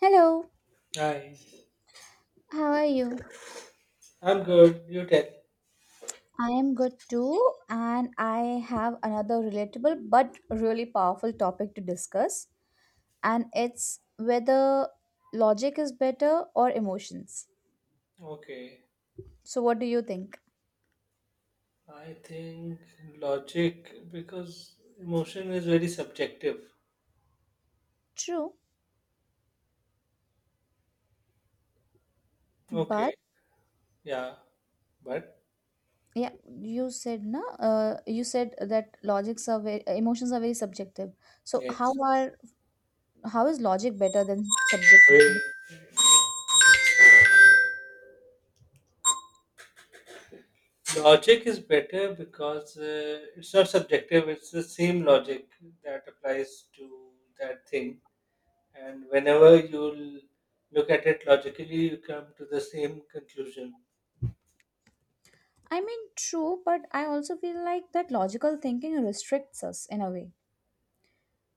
Hello, Hi, how are you? I'm good. You tell. I am good too, and I have another relatable but really powerful topic to discuss, and it's whether logic is better or emotions. Okay. So, what do you think? I think logic because emotion is very subjective. True, Okay. but Yeah. But yeah, you said na, you said that logics are very, emotions are very subjective. So, yes. How is logic better than subjective? Wait. Logic is better because it's not subjective. It's the same logic that applies to that thing, and whenever you look at it logically, you come to the same conclusion. I mean, true, but I also feel like that logical thinking restricts us in a way.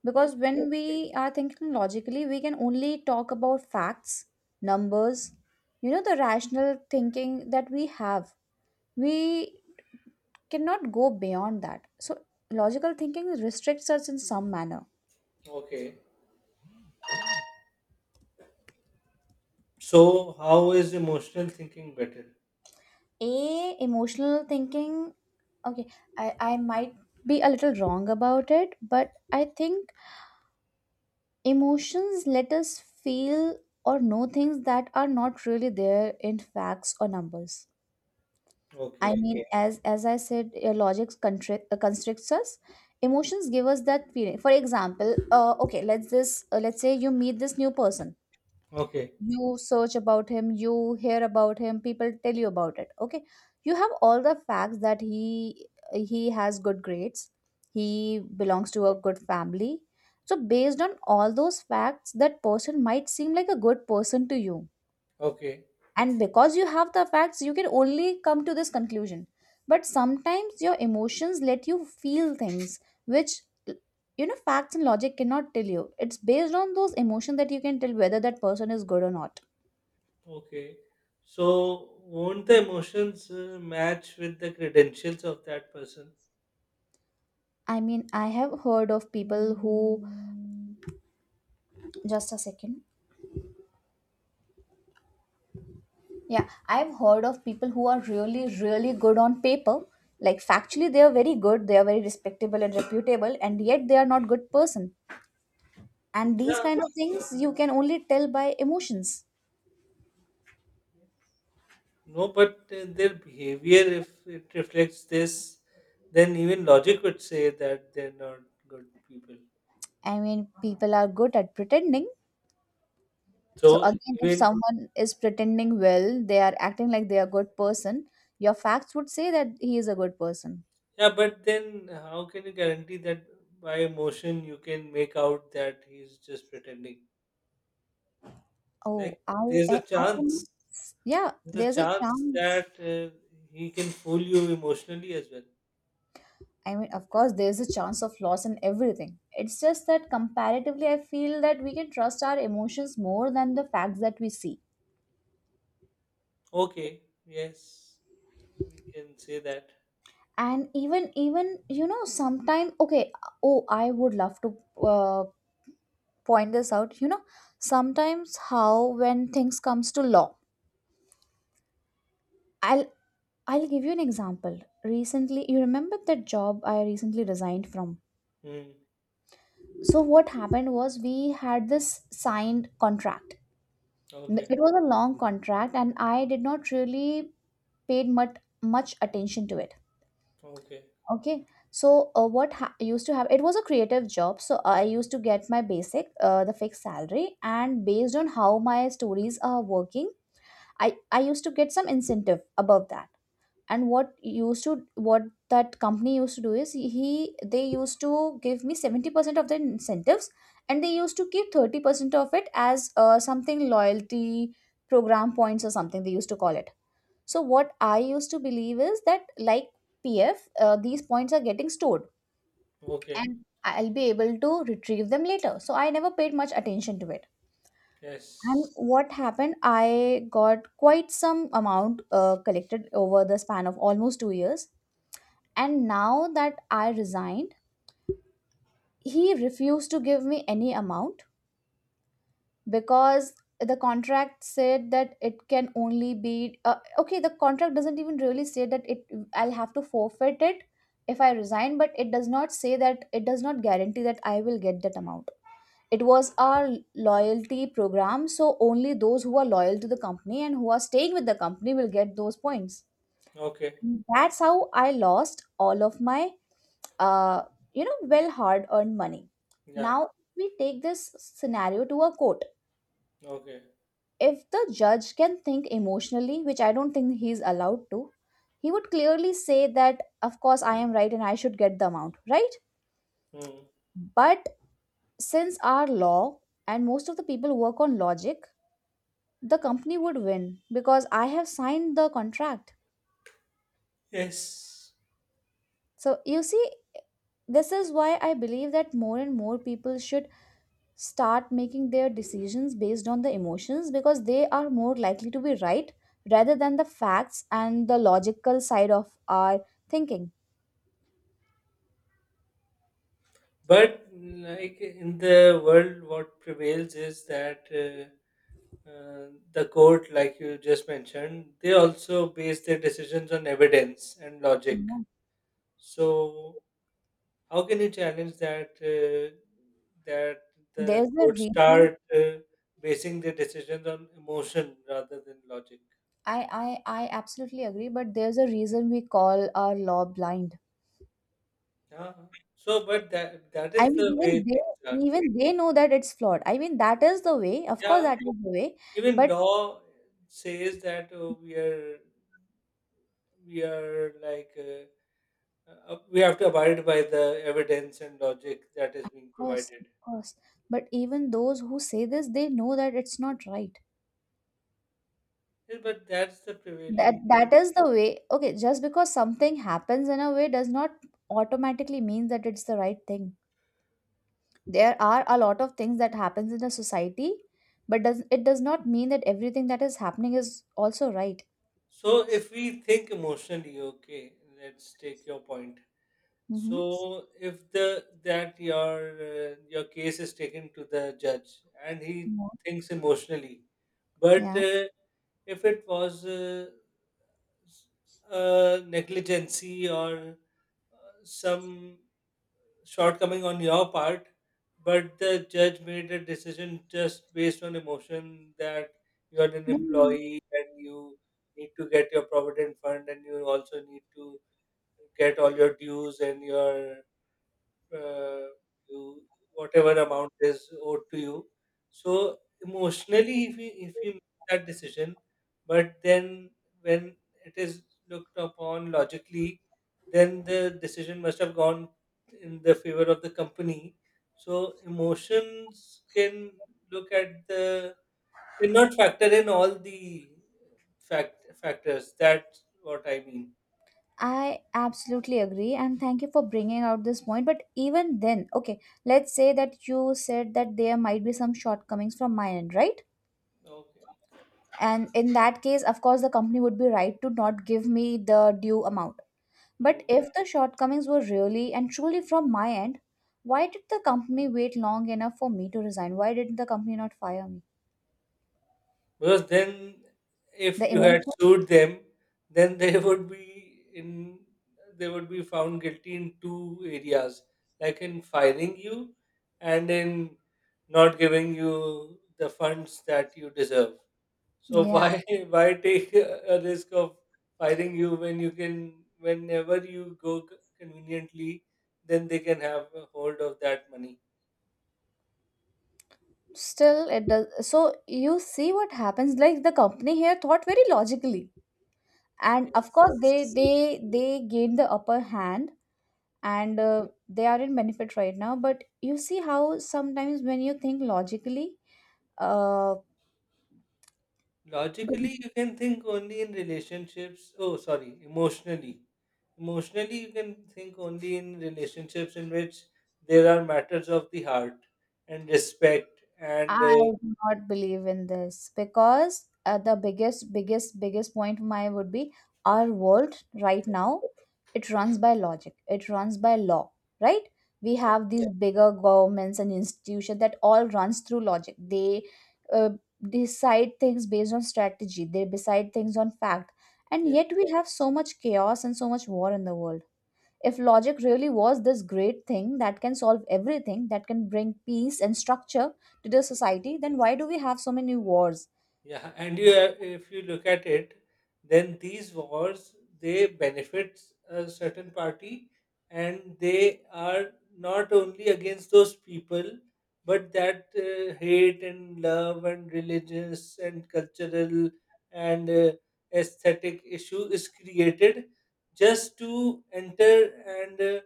Because Okay. when we are thinking logically, we can only talk about facts, numbers, you know, the rational thinking that we have. We cannot go beyond that. So, logical thinking restricts us in some manner. Okay. So, how is emotional thinking better? A emotional thinking, okay, I might be a little wrong about it, but I think emotions let us feel or know things that are not really there in facts or numbers. I Okay, mean, okay, as I said, logic constricts us. Emotions give us that feeling. For example, okay, let's say you meet this new person. okay, You search about him, you hear about him, people tell you about it. Okay, you have all the facts that he has good grades, he belongs to a good family. So based on all those facts, that person might seem like a good person to you, okay, and because you have the facts you can only come to this conclusion, but sometimes your emotions let you feel things which, you know, facts and logic cannot tell you. It's based on those emotions that you can tell whether that person is good or not. okay. So, won't the emotions match with the credentials of that person? I mean, I have heard of people who, just a second, yeah, I've heard of people who are really, really good on paper, like factually they are very good, they are very respectable and reputable, and yet they are not good person. And these Yeah. kind of things you can only tell by emotions. No, but their behavior, if it reflects this, then even logic would say that they're not good people. I mean, people are good at pretending. So So, again, if even, someone is pretending well, they are acting like they are a good person, your facts would say that he is a good person. yeah, but then how can you guarantee that by emotion you can make out that he's just pretending? Like, Oh, I, there's a I can, chance. yeah, There's a there's a chance chance. that he can fool you emotionally as well. I mean, of course, there's a chance of loss in everything. It's just that comparatively, I feel that we can trust our emotions more than the facts that we see. Okay, yes, we can say that. And even you know, sometime okay. Oh, I would love to uh, point this out, you know, sometimes how when things comes to law. i'll I'll give you an example. Recently, you remember that job I recently resigned from? Hmm. So what happened was, we had this signed contract. Okay, It was a long contract and I did not really paid much attention to it. okay, Okay, so used to have it was a creative job, so I used to get my basic, the fixed salary, and based on how my stories are working I used to get some incentive above that. And what used to what that company used to do is he they used to give me 70% of the incentives, and they used to keep 30% of it as something loyalty program points or something they used to call it. So what I used to believe is that like pf these points are getting stored okay, and I'll be able to retrieve them later, so I never paid much attention to it. And yes, what happened, I got quite some amount collected over the span of almost 2 years. And now that I resigned, he refused to give me any amount because the contract said that it can only be okay. The contract doesn't even really say that it I'll have to forfeit it if I resign, but it does not say that, it does not guarantee that I will get that amount. It was our loyalty program, so only those who are loyal to the company and who are staying with the company will get those points. okay, That's how I lost all of my, uh, you know, well hard earned money. yeah, Now we take this scenario to a court. okay, If the judge can think emotionally, which I don't think he's allowed to, he would clearly say that of course I am right and I should get the amount, right? hmm, But since our law and most of the people work on logic, the company would win because I have signed the contract. yes. So, you see, this is why I believe that more and more people should start making their decisions based on the emotions because they are more likely to be right rather than the facts and the logical side of our thinking. But like in the world, what prevails is that the court, like you just mentioned, they also base their decisions on evidence and logic. Yeah. So how can you challenge that that the There's a court reason, start basing their decisions on emotion rather than logic? I absolutely agree, but there's a reason we call our law blind. Yeah. So, but that I is mean, the way things are. even they know that it's flawed. I mean, that is the way. Of course, Yeah. that is the way. Even But law says that we are we are like uh, we have to abide by the evidence and logic that is being course, provided. of course. But even those who say this, they know that it's not right. Yeah, but that's the That prevailing. that is the way. Okay, just because something happens in a way does not automatically mean that it's the right thing. There are a lot of things that happens in a society, but does it does not mean that everything that is happening is also right. So if we think emotionally, okay, let's take your point. Mm-hmm. So if the that your case is taken to the judge and he No. thinks emotionally, but Yeah. If it was s- negligency or some shortcoming on your part, but the judge made a decision just based on emotion that you are an No, no, no. employee and you need to get your provident fund and you also need to get all your dues and your uh, you whatever amount is owed to you. So emotionally, if you make that decision, but then when it is looked upon logically, then the decision must have gone in the favor of the company. So emotions can look at the cannot factor in all the factors. That's what I mean. I absolutely agree, and thank you for bringing out this point. But even then, okay, let's say that you said that there might be some shortcomings from my end, right? Okay. And in that case of course the company would be right to not give me the due amount, but Hmm. if the shortcomings were really and truly from my end, why did the company wait long enough for me to resign? Why didn't the company not fire me? Because then, if The you had emotion. sued them, then they would be in they would be found guilty in two areas, like in firing you and in not giving you the funds that you deserve. So Yeah, why take a risk of firing you when you can whenever you go conveniently, then they can have a hold of that money. still it does. So you see what happens, like the company here thought very logically and of course they gained the upper hand, Yes. and they are in benefit right now, but you see how sometimes when you think logically, uh, Logically, you can think only in relationships. Oh, sorry, emotionally. Emotionally, you can think only in relationships in which there are matters of the heart and respect and I do not believe in this because, the biggest, biggest, biggest point of mine would be our world right now. It runs by logic. It runs by law, right? We yeah, have these, yeah, bigger governments and institutions that all runs through logic. They, uh, decide things based on strategy. They decide things on fact. And yeah, yet we have so much chaos and so much war in the world. If logic really was this great thing that can solve everything, that can bring peace and structure to the yeah. society, then why do we have so many wars? Yeah, and you have, if you look at it, then these wars they benefit a certain party, and they are not only against those people, but that hate and love and religious and cultural and aesthetic issue is created just to enter and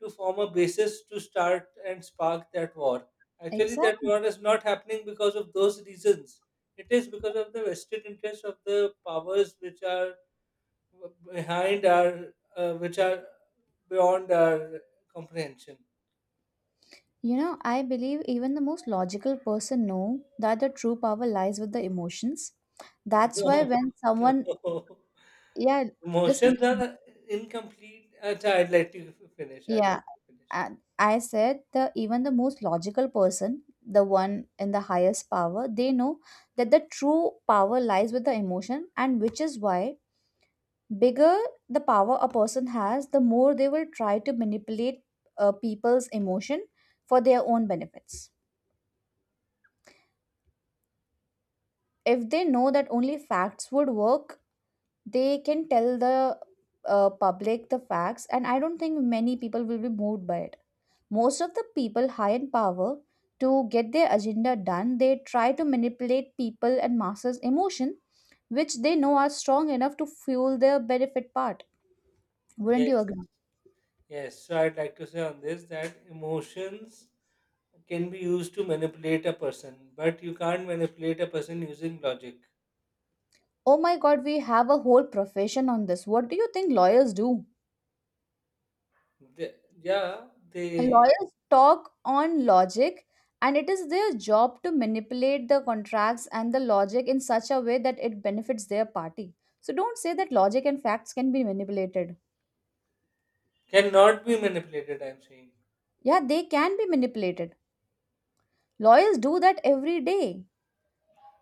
to form a basis to start and spark that war. Actually, that Exactly. war is not happening because of those reasons, it is because of the vested interest of the powers which are behind our, which are beyond our comprehension. You know, I believe even the most logical person know that the true power lies with the emotions. That's No, why when someone, no. yeah, listen, Emotions listen. are incomplete. Achha, I'd like to finish. I'd Yeah, like to finish. and I said the even the most logical person, the one in the highest power, they know that the true power lies with the emotion, and which is why bigger the power a person has, the more they will try to manipulate people's emotion for their own benefits. If they know that only facts would work, they can tell the, public the facts, and I don't think many people will be moved by it. Most of the people high in power, to get their agenda done, they try to manipulate people and masses' emotion, which they know are strong enough to fuel their benefit part. Wouldn't you Yes, agree? yes. So I'd like to say on this that emotions can be used to manipulate a person, but you can't manipulate a person using logic. Oh my God, we have a whole profession on this. What do you think lawyers do? They, yeah, they Lawyers talk on logic, and it is their job to manipulate the contracts and the logic in such a way that it benefits their party. So don't say that logic and facts can be manipulated. cannot be manipulated, I'm saying. Yeah, they can be manipulated. Lawyers do that every day.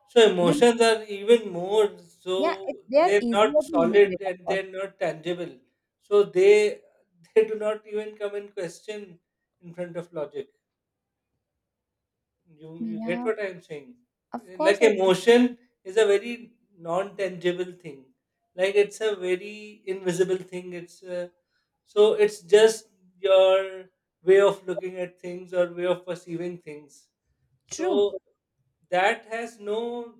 So You know, emotions are even more yeah, so, it, they are they're easier not to solid manipulate, of and course. they're not tangible. So they do not even come in question in front of logic. You get Yeah, what I'm saying? of course, Like I do. emotion is a very non-tangible thing. Like it's a very invisible thing. It's a, so it's just your way of looking at things or way of perceiving things. True. So that has no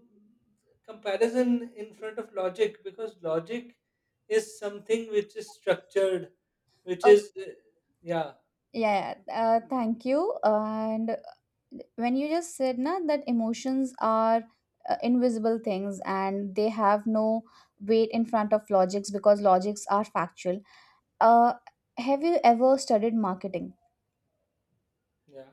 comparison in front of logic because logic is something which is structured, which Okay, is yeah, yeah, yeah, thank you, and when you just said na that emotions are invisible things and they have no weight in front of logics because logics are factual, uh, have you ever studied marketing? yeah,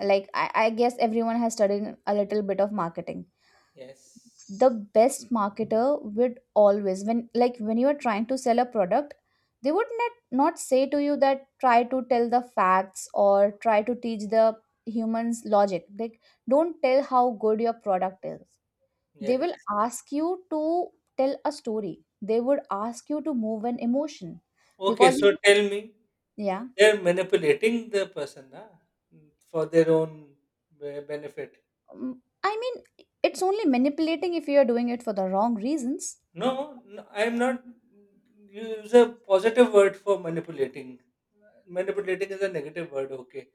Like I guess everyone has studied a little bit of marketing. yes, The best marketer would always, when like when you are trying to sell a product, they would not say to you that try to tell the facts or try to teach the humans logic, like don't tell how good your product is. They will yes, ask you to tell a story, they would ask you to move an emotion okay, because, so tell me, yeah. they're manipulating the person, ah, for their own benefit. Mm, I mean, it's only manipulating if you are doing it for the wrong reasons. No, no, I'm not, use a positive word for manipulating. Manipulating is a negative word, okay,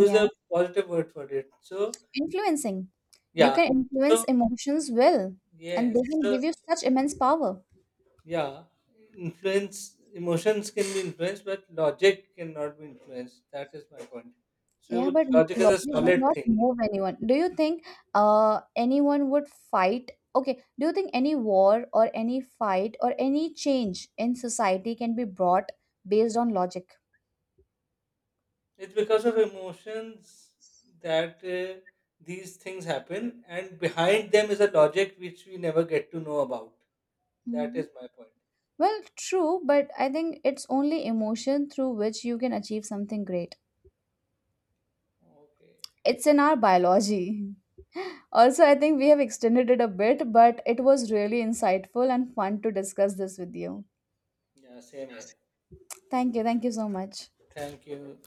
use a positive word for it. So influencing, you yeah. can influence So emotions well, and they yes. can So give you such immense power. yeah, influence, emotions can be influenced, but logic cannot be influenced. That is my point. Yeah, So but logic is a logic does solid not thing. move anyone. Do you think anyone would fight, okay, do you think any war or any fight or any change in society can be brought based on logic? It's because of emotions that these things happen, and behind them is a logic which we never get to know about. That is Mhm. my point. Well, true, but I think it's only emotion through which you can achieve something great. Okay. It's in our biology. Also, I think we have extended it a bit, but it was really insightful and fun to discuss this with you. Yeah. Same here. Thank you. Thank you so much. Thank you.